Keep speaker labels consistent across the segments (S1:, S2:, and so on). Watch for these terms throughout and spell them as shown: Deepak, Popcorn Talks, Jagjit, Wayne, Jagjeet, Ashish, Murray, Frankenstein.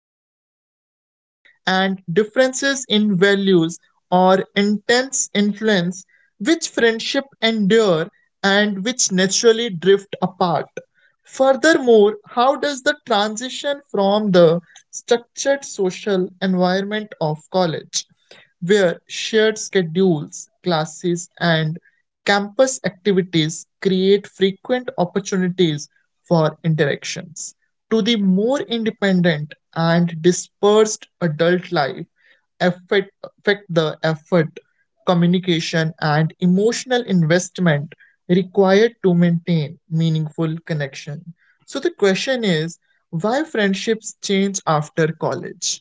S1: shifting priorities, and differences in values or intense influence which friendship endure and which naturally drift apart? Furthermore, how does the transition from the structured social environment of college where shared schedules, classes, and campus activities create frequent opportunities for interactions. To the more independent and dispersed adult life affect the effort, communication, and emotional investment required to maintain meaningful connection. So the question is, why friendships change after college?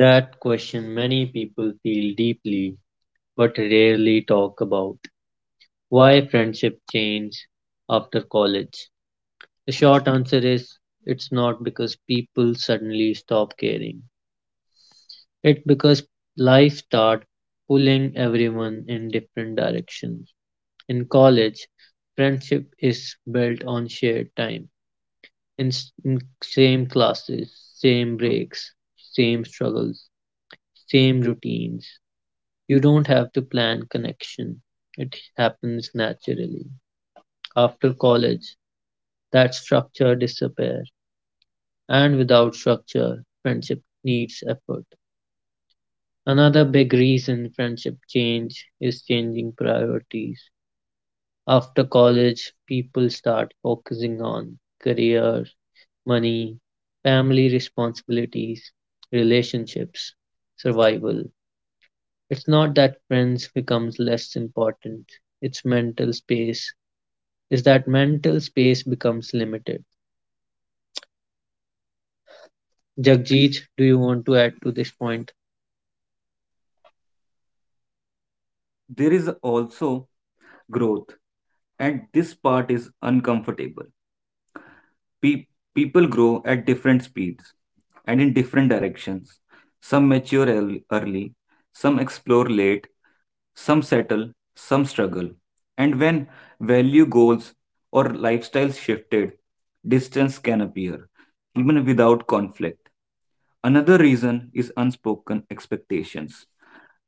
S2: That question many people feel deeply but rarely talk about. Why friendship change after college? The short answer is it's not because people suddenly stop caring. It's because life starts pulling everyone in different directions. In college, friendship is built on shared time, in same classes, same breaks, same struggles, same routines. You don't have to plan connection. It happens naturally. After college, that structure disappears. And without structure, friendship needs effort. Another big reason friendship change is changing priorities. After college, people start focusing on career, money, family responsibilities, relationships, survival. It's not that friends becomes less important. It's mental space is that mental space becomes limited. Jagjeet, do you want to add to this point?
S3: There is also growth, and this part is uncomfortable. Pe- People grow at different speeds and in different directions. Some mature early, some explore late, some settle, some struggle. And when value goals or lifestyles shifted, distance can appear, even without conflict. Another reason is unspoken expectations.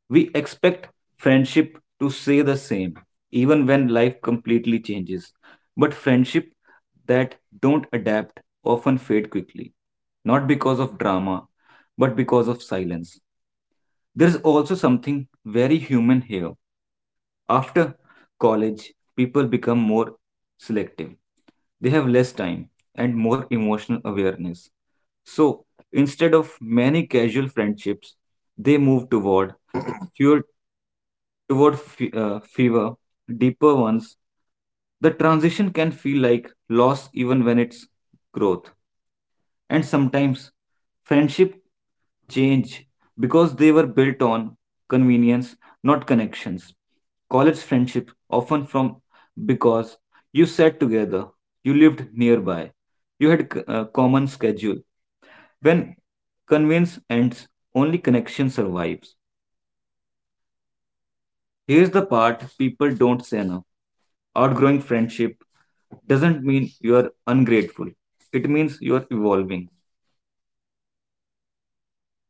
S3: We expect friendship to stay the same, even when life completely changes. But friendship that don't adapt often fade quickly, not because of drama, but because of silence. There's also something very human here. After college, people become more selective. They have less time and more emotional awareness. So instead of many casual friendships, they move toward fewer, fewer, deeper ones. The transition can feel like loss even when it's growth. And sometimes friendship change because they were built on convenience, not connections. College friendship often from because you sat together, you lived nearby, you had a common schedule. When convenience ends, only connection survives. Here's the part people don't say enough. Outgrowing friendship doesn't mean you are ungrateful. It means you are evolving.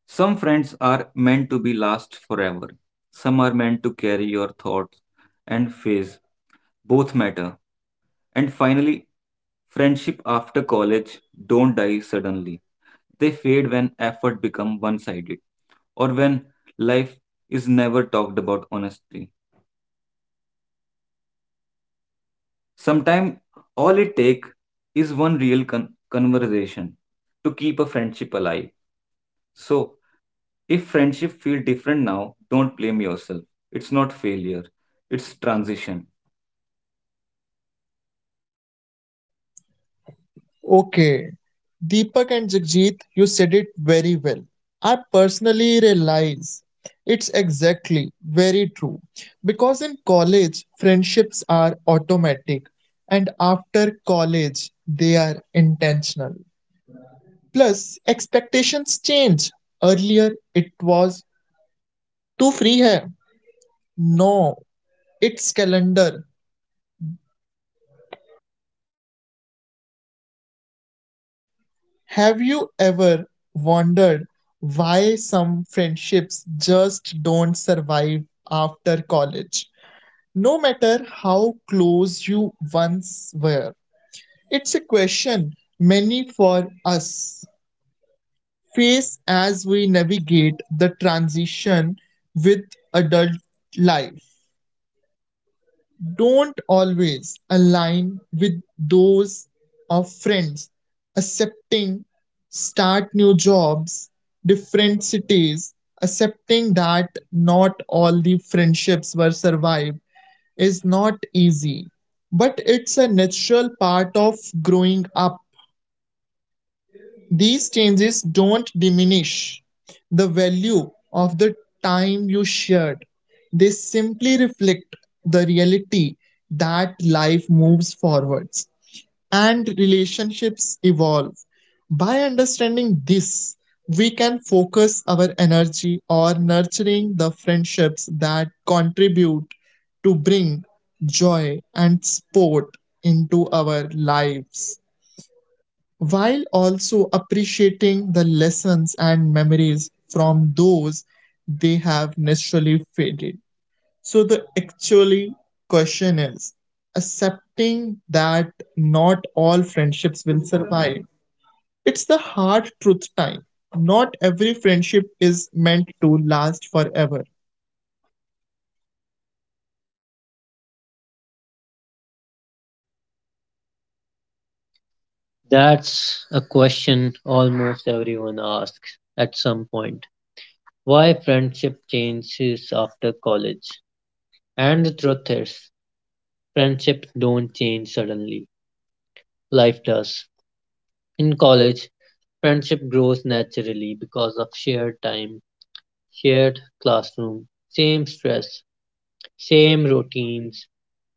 S3: Some friends are meant to be last forever. Some are meant to carry your thoughts and phase. Both matter. And finally, friendship after college don't die suddenly. They fade when effort become one-sided or when life is never talked about honestly. Sometimes all it take is one real conversation to keep a friendship alive. So if friendship feel different now, don't blame yourself. It's not failure. It's transition.
S1: Okay, Deepak and Jagjit, you said it very well. I personally realize it's exactly very true because in college, friendships are automatic, and after college, they are intentional. Plus, expectations change. Earlier, it was too free hai. No, it's calendar. Have you ever wondered why some friendships just don't survive after college, no matter how close you once were? It's a question many for us face as we navigate the transition with adult life. Don't always align with those of friends. Accepting start new jobs, different cities, accepting that not all the friendships were survived is not easy, but it's a natural part of growing up. These changes don't diminish the value of the time you shared, they simply reflect the reality that life moves forwards and relationships evolve. By understanding this, we can focus our energy on nurturing the friendships that contribute to bring joy and support into our lives while also appreciating the lessons and memories from those they have naturally faded. So, the actually question is accepting that not all friendships will survive. It's the hard truth time. Not every friendship is meant to last forever.
S2: That's a question almost everyone asks at some point. Why friendship changes after college? And the truth is, friendships don't change suddenly. Life does. In college, friendship grows naturally because of shared time, shared classroom, same stress, same routines,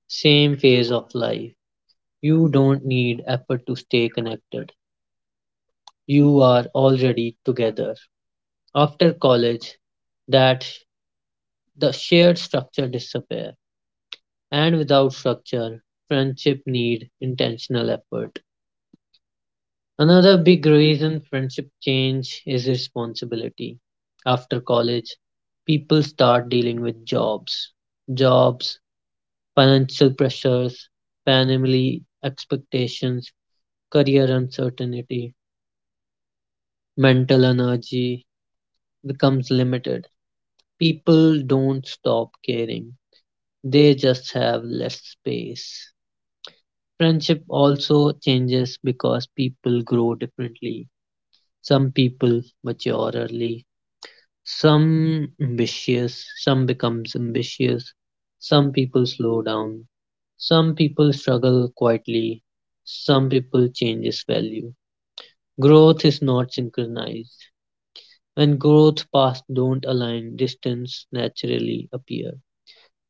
S2: same phase of life. You don't need effort to stay connected. You are already together. After college, that the shared structure disappear and without structure, friendship need intentional effort. Another big reason friendship change is responsibility. After college, people start dealing with jobs, financial pressures, family expectations, career uncertainty, mental energy, becomes limited. People don't stop caring, they just have less space. Friendship also changes because people grow differently. Some people mature early, some becomes ambitious, some people slow down, some people struggle quietly, some people changes value. Growth is not synchronized. When growth paths don't align, distance naturally appear.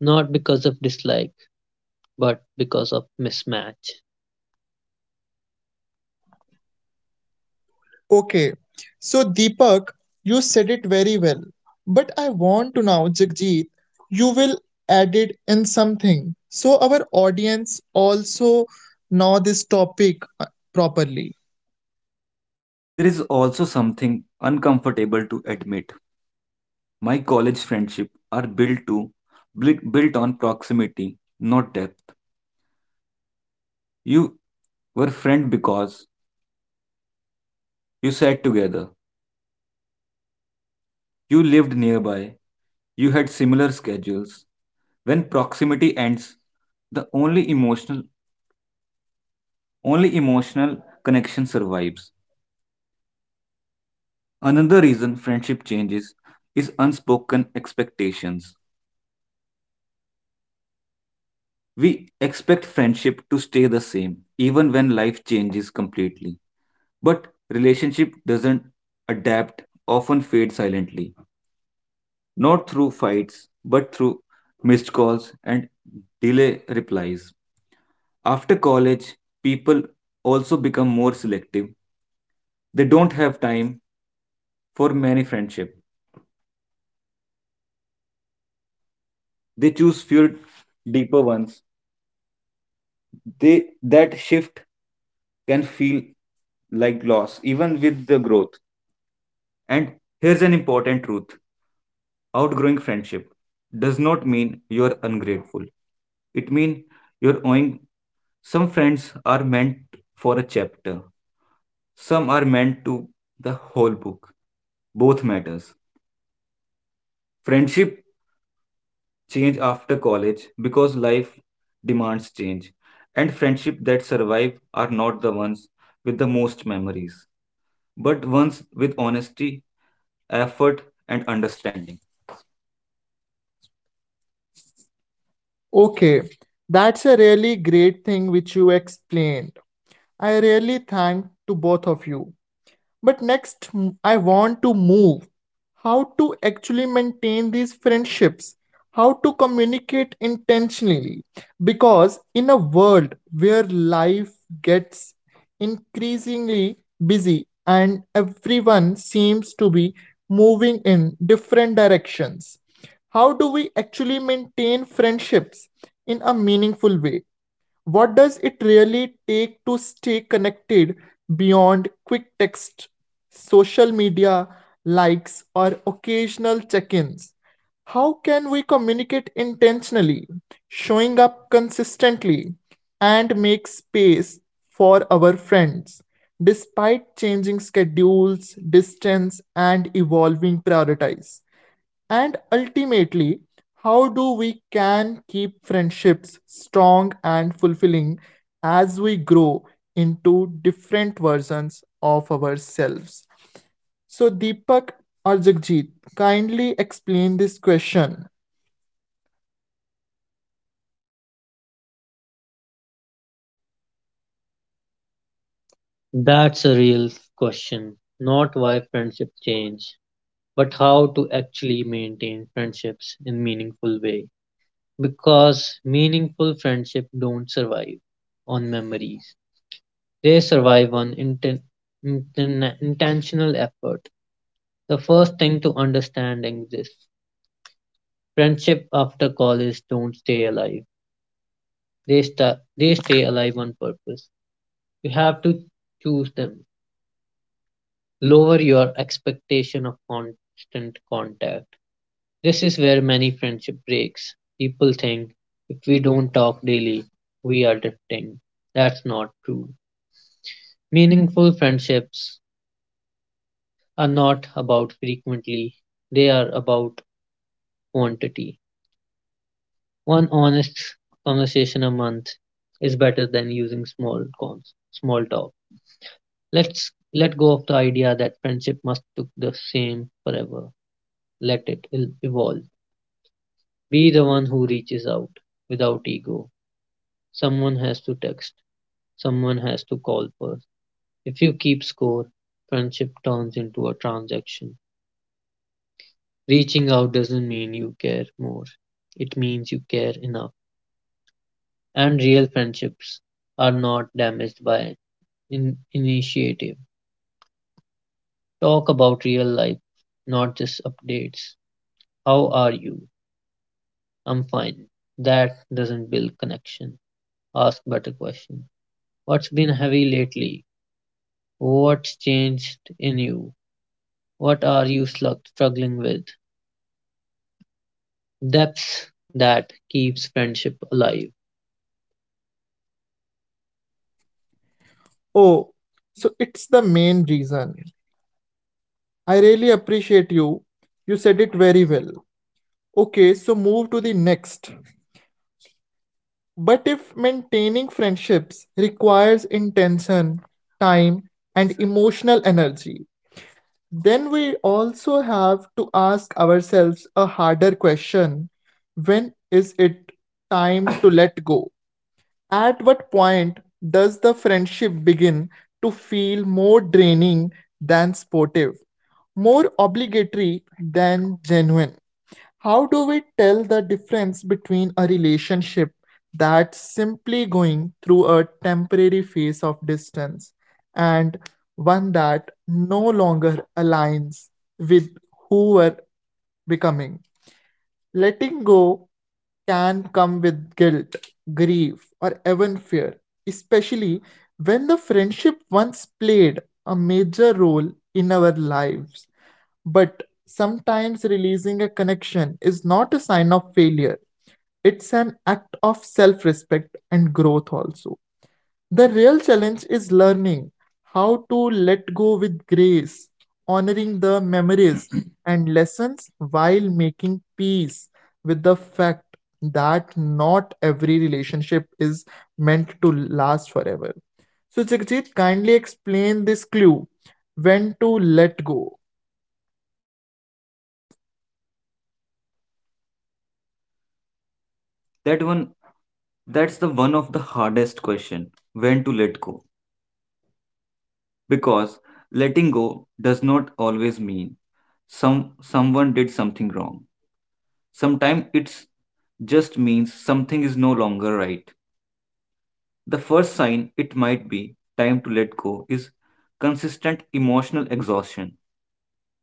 S2: Not because of dislike, but because of mismatch.
S1: Okay, so Deepak, you said it very well, but I want to now, Jagjit, you will add it in something so our audience also know this topic properly.
S3: There is also something uncomfortable to admit. My college friendship are built to built built on proximity, not depth. You were friend because you sat together. You lived nearby. You had similar schedules. When proximity ends, the only emotional connection survives. Another reason friendship changes is unspoken expectations. We expect friendship to stay the same even when life changes completely. But relationship doesn't adapt, often fade silently, not through fights, but through missed calls and delay replies. After college, people also become more selective. They don't have time for many friendship. They choose few deeper ones. They That shift can feel like loss even with the growth. And here's an important truth: outgrowing friendship does not mean you're ungrateful. It means you're owing. Some friends are meant for a chapter, some are meant to the whole book. Both matters. Friendship change after college because life demands change, and friendship that survive are not the ones with the most memories, but ones with honesty, effort, and understanding. Okay, that's a really great thing which you explained. I really thank to both of you. But next, I want to move. How to actually maintain these friendships? How to communicate intentionally? Because in a world where life gets increasingly busy and everyone seems to be moving in different directions, how do we actually maintain friendships in a meaningful way? What does it really take to stay connected beyond quick text, social media likes, or occasional check ins? How can we communicate intentionally, showing up consistently, and make space for our friends despite changing schedules, distance, and evolving priorities? And ultimately, how do we can keep friendships strong and fulfilling as we grow into different versions of ourselves? So Deepak or Jagjit, kindly explain this question.
S2: That's a real question. Not why friendships change, but how to actually maintain friendships in meaningful way. Because meaningful friendship don't survive on memories. They survive on intentional effort. The first thing to understanding this, friendship after college don't stay alive. They stay alive on purpose. You have to choose them. Lower your expectation of constant contact. This is where many friendship breaks. People think if we don't talk daily, we are drifting. That's not true. Meaningful friendships are not about frequently, they are about quantity. One honest conversation a month is better than using small talk. Let's let go of the idea that friendship must look the same forever. Let it evolve. Be the one who reaches out without ego. Someone has to text, someone has to call first. If you keep score, friendship turns into a transaction. Reaching out doesn't mean you care more, it means you care enough. And real friendships are not damaged by initiative. Talk about real life, not just updates. How are you? I'm fine. That doesn't build connection. Ask better questions. What's been heavy lately? What's changed in you? What are you struggling with? Depths that keeps friendship alive.
S3: Oh, so it's the main reason. I really appreciate you. You said it very well. Okay, so move to the next. But if maintaining friendships requires intention, time, and emotional energy, then we also have to ask ourselves a harder question: when is it time to let go? At what point does the friendship begin to feel more draining than sportive, more obligatory than genuine? How do we tell the difference between a relationship that's simply going through a temporary phase of distance and one that no longer aligns with who we're becoming? Letting go can come with guilt, grief, or even fear, especially when the friendship once played a major role in our lives. But sometimes releasing a connection is not a sign of failure, it's an act of self respect and growth also. The real challenge is learning how to let go with grace, honoring the memories and lessons while making peace with the fact that not every relationship is meant to last forever. So, Jagjit, kindly explain this clue: when to let go. That one That's the one of the hardest question: when to let go, because letting go does not always mean someone did something wrong. Sometimes it's just means something is no longer right. The first sign it might be time to let go is consistent emotional exhaustion.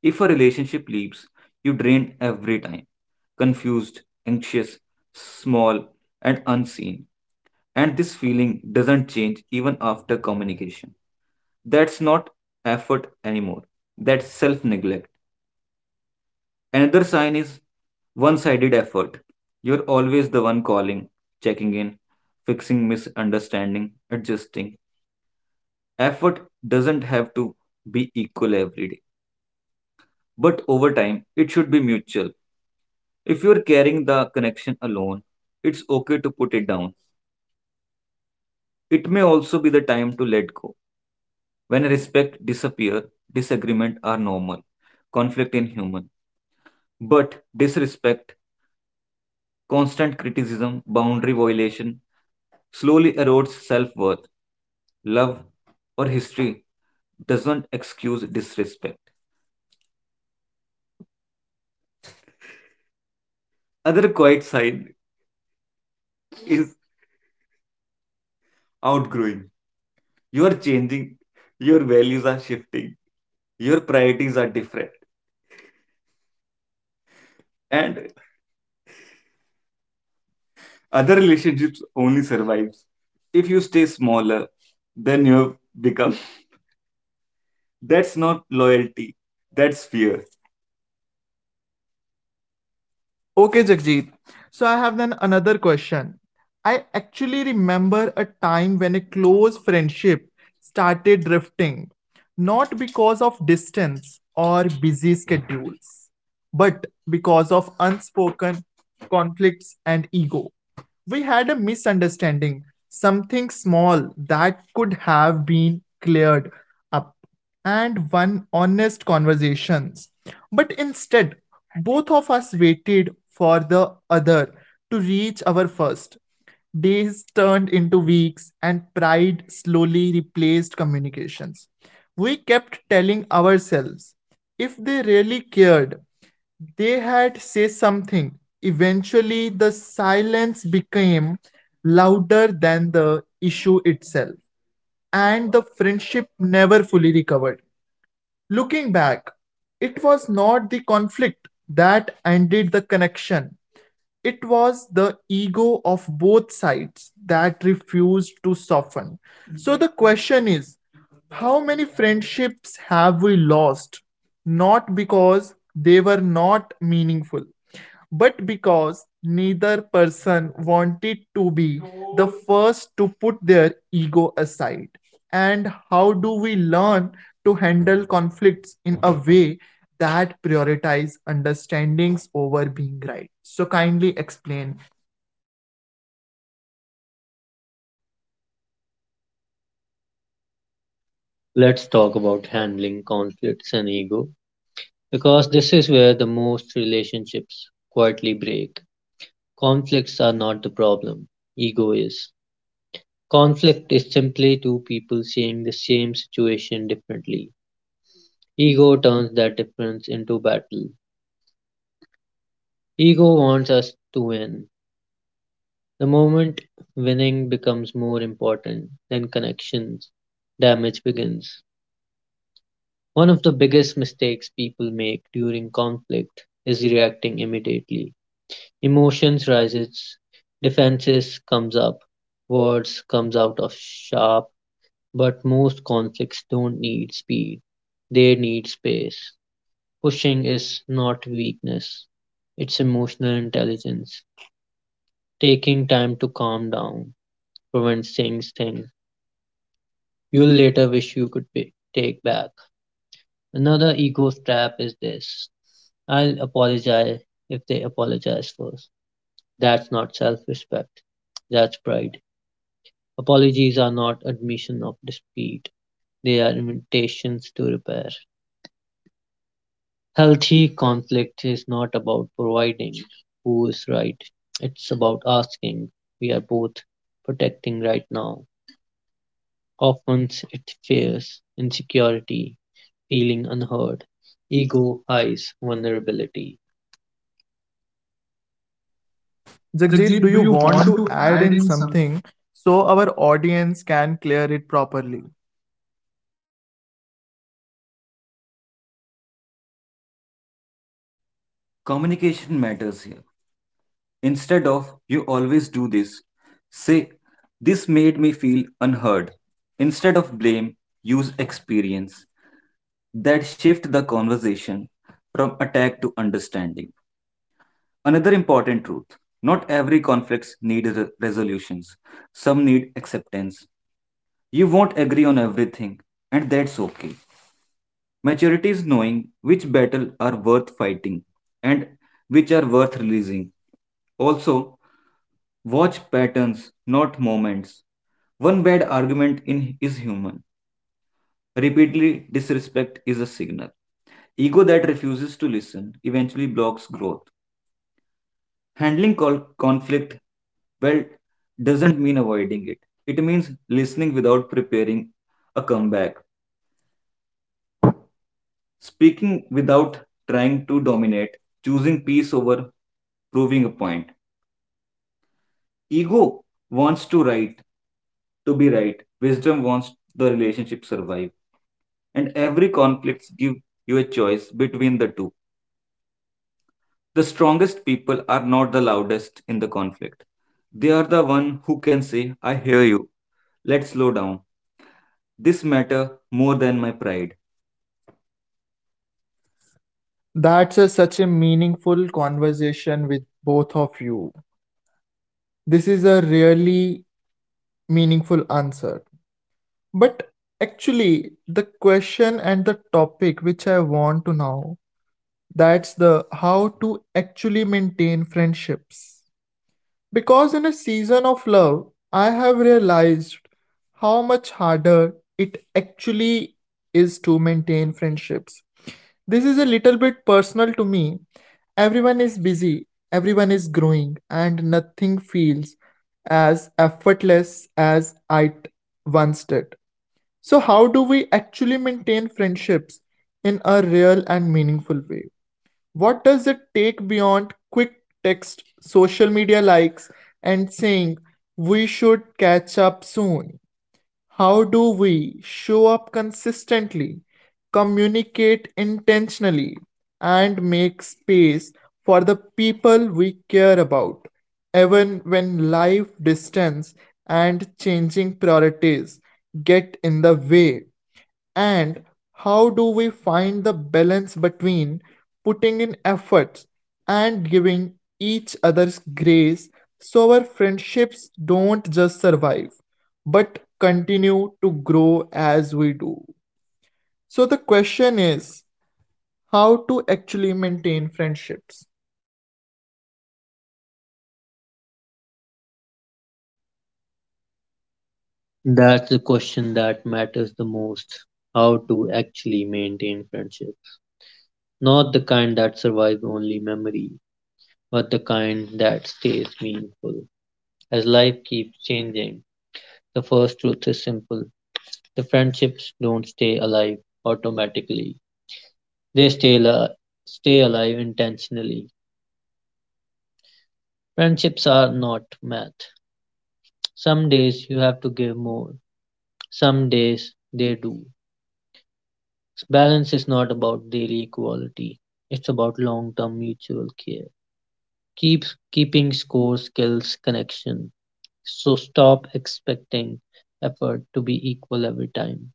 S3: If a relationship leaves, you drained every time, confused, anxious, small, and unseen. And this feeling doesn't change even after communication. That's not effort anymore. That's self neglect. Another sign is one sided effort. You're always the one calling, checking in, fixing misunderstanding, adjusting. Effort doesn't have to be equal every day, but over time, it should be mutual. If you're carrying the connection alone, it's okay to put it down. It may also be the time to let go. When respect disappear, disagreement are normal, conflict in human, but disrespect, constant criticism, boundary violation, slowly erodes self worth. Love or history doesn't excuse disrespect. Other quiet sign is outgrowing. You are changing, your values are shifting, your priorities are different, and other relationships only survives if you stay smaller than you have become. That's not loyalty, that's fear. Okay, Jagjit. So I have then another question. I actually remember a time when a close friendship started drifting, not because of distance or busy schedules, but because of unspoken conflicts and ego. We had a misunderstanding, something small that could have been cleared up, and one honest conversations. But instead, both of us waited for the other to reach our first. Days turned into weeks, and pride slowly replaced communications. We kept telling ourselves if they really cared, they had said something. Eventually, the silence became louder than the issue itself, and the friendship never fully recovered. Looking back, it was not the conflict that ended the connection, it was the ego of both sides that refused to soften. So the question is: how many friendships have we lost? Not because they were not meaningful, but because neither person wanted to be the first to put their ego aside. And how do we learn to handle conflicts in a way that prioritize understandings over being right? So kindly explain.
S2: Let's talk about handling conflicts and ego because this is where the most relationships quietly break. Conflicts are not the problem, ego is. Conflict is simply two people seeing the same situation differently. Ego turns that difference into battle. Ego wants us to win. The moment winning becomes more important than connections, damage begins. One of the biggest mistakes people make during conflict is reacting immediately. Emotions rises, defenses comes up, words comes out of sharp, but most conflicts don't need speed. They need space. Pushing is not weakness. It's emotional intelligence. Taking time to calm down prevents saying things you'll later wish you could take back. Another ego trap is this: I'll apologize if they apologize first. That's not self respect, that's pride. Apologies are not admission of dispute, they are invitations to repair. Healthy conflict is not about providing who is right, it's about asking. We are both protecting right now. Often it fears, insecurity, feeling unheard. Ego hides vulnerability.
S3: Jagjit, do
S2: Jagjit, do
S3: you
S2: you
S3: want
S2: want
S3: to
S2: to
S3: add
S2: add?
S3: in something so our audience can clear it properly? Communication matters here. Instead of you always do this, say this made me feel unheard. Instead of blame, use experience that shift the conversation from attack to understanding. Another important truth: not every conflicts need resolutions. Some need acceptance. You won't agree on everything, and that's okay. Maturity is knowing which battle are worth fighting and which are worth releasing. Also, watch patterns, not moments. One bad argument in is human. Repeatedly disrespect is a signal. Ego that refuses to listen eventually blocks growth. Handling conflict well doesn't mean avoiding it. It means listening without preparing a comeback, speaking without trying to dominate, choosing peace over proving a point. Ego wants to be right. Wisdom wants the relationship survive. And every conflict give you a choice between the two. The strongest people are not the loudest in the conflict. They are the one who can say, I hear you. Let's slow down. This matter more than my pride. That's a, such a meaningful conversation with both of you. This is a really meaningful answer. But actually, the question and the topic which I want to know, that's the how to actually maintain friendships. Because in a season of love, I have realized how much harder it actually is to maintain friendships. This is a little bit personal to me. Everyone is busy, everyone is growing, and nothing feels as effortless as once did. So, how do we actually maintain friendships in a real and meaningful way? What does it take beyond quick text, social media likes, and saying we should catch up soon? How do we show up consistently, communicate intentionally, and make space for the people we care about, even when life, distance, and changing priorities get in the way? And how do we find the balance between putting in efforts and giving each other's grace so our friendships don't just survive but continue to grow as we do? So, the question is: how to actually maintain friendships?
S2: That's the question that matters the most. How to actually maintain friendship. Not the kind that survives only memory, but the kind that stays meaningful. As life keeps changing, the first truth is simple. The friendships don't stay alive automatically. They stay alive intentionally. Friendships are not math. Some days you have to give more, some days they do. Balance is not about daily equality. It's about long-term mutual care. Keeps keeping score skills connection. So stop expecting effort to be equal every time.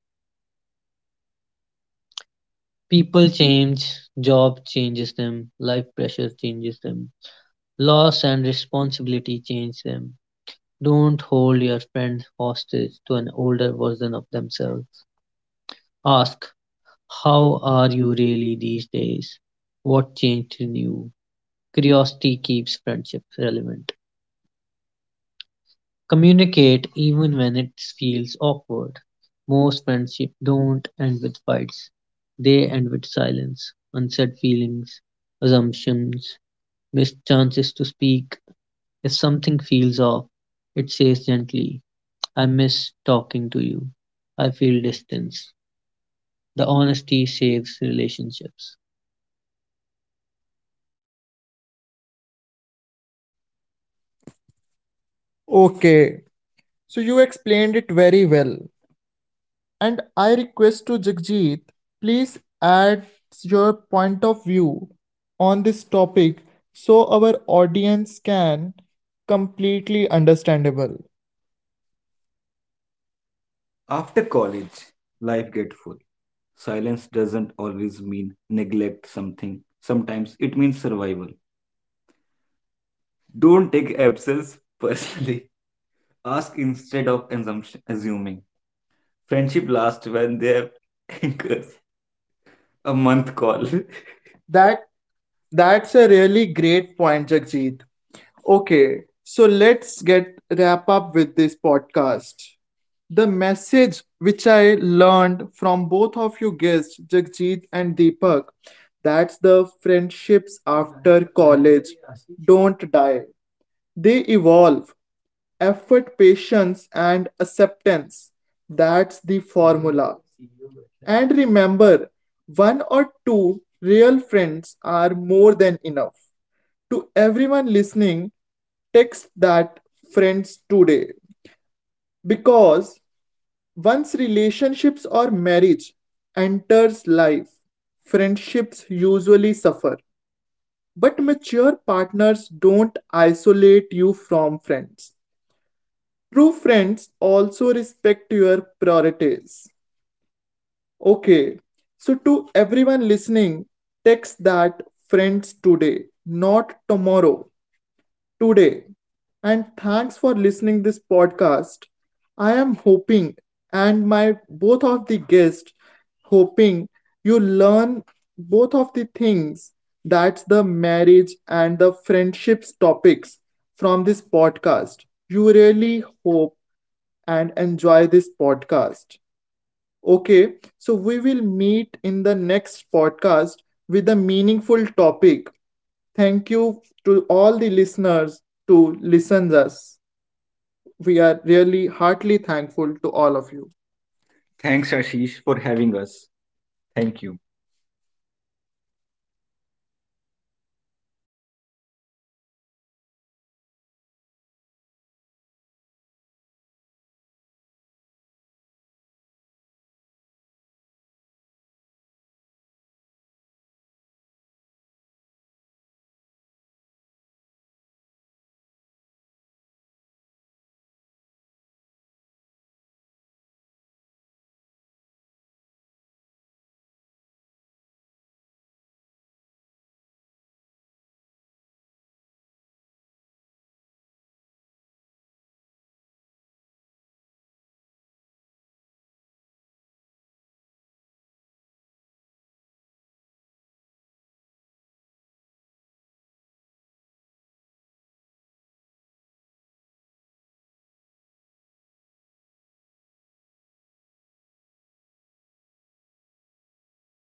S2: People change, job changes them, life pressure changes them, loss and responsibility change them. Don't hold your friends hostage to an older version of themselves. Ask, how are you really these days? What changed in you? Curiosity keeps friendships relevant. Communicate even when it feels awkward. Most friendships don't end with fights, they end with silence, unsaid feelings, assumptions, missed chances to speak. If something feels off, it says gently, I miss talking to you. I feel distance. The honesty saves relationships.
S3: Okay, so you explained it very well. And I request to Jagjit, please add your point of view on this topic so our audience can completely understandable. After college, life get full. Silence doesn't always mean neglect something. Sometimes it means survival. Don't take absence personally. Ask instead of assuming. Friendship lasts when they have anchors. A month call. That That's a really great point, Jagjit. Okay, so let's get wrap up with this podcast. The message which I learned from both of you guests, Jagjit and Deepak, that's the friendships after college don't die. They evolve. Effort, patience, and acceptance. That's the formula. And remember, one or two real friends are more than enough. To everyone listening, text that friends today. Because once relationships or marriage enters life, friendships usually suffer. But mature partners don't isolate you from friends. True friends also respect your priorities. Okay, so to everyone listening, text that friends today, not tomorrow. Today. And thanks for listening this podcast. I am hoping and my both of the guests hoping you learn both of the things, that's the marriage and the friendships topics from this podcast. You really hope and enjoy this podcast. Okay, so we will meet in the next podcast with a meaningful topic. Thank you to all the listeners to listen us. We are really heartily thankful to all of you. Thanks, Ashish, for having us. Thank you.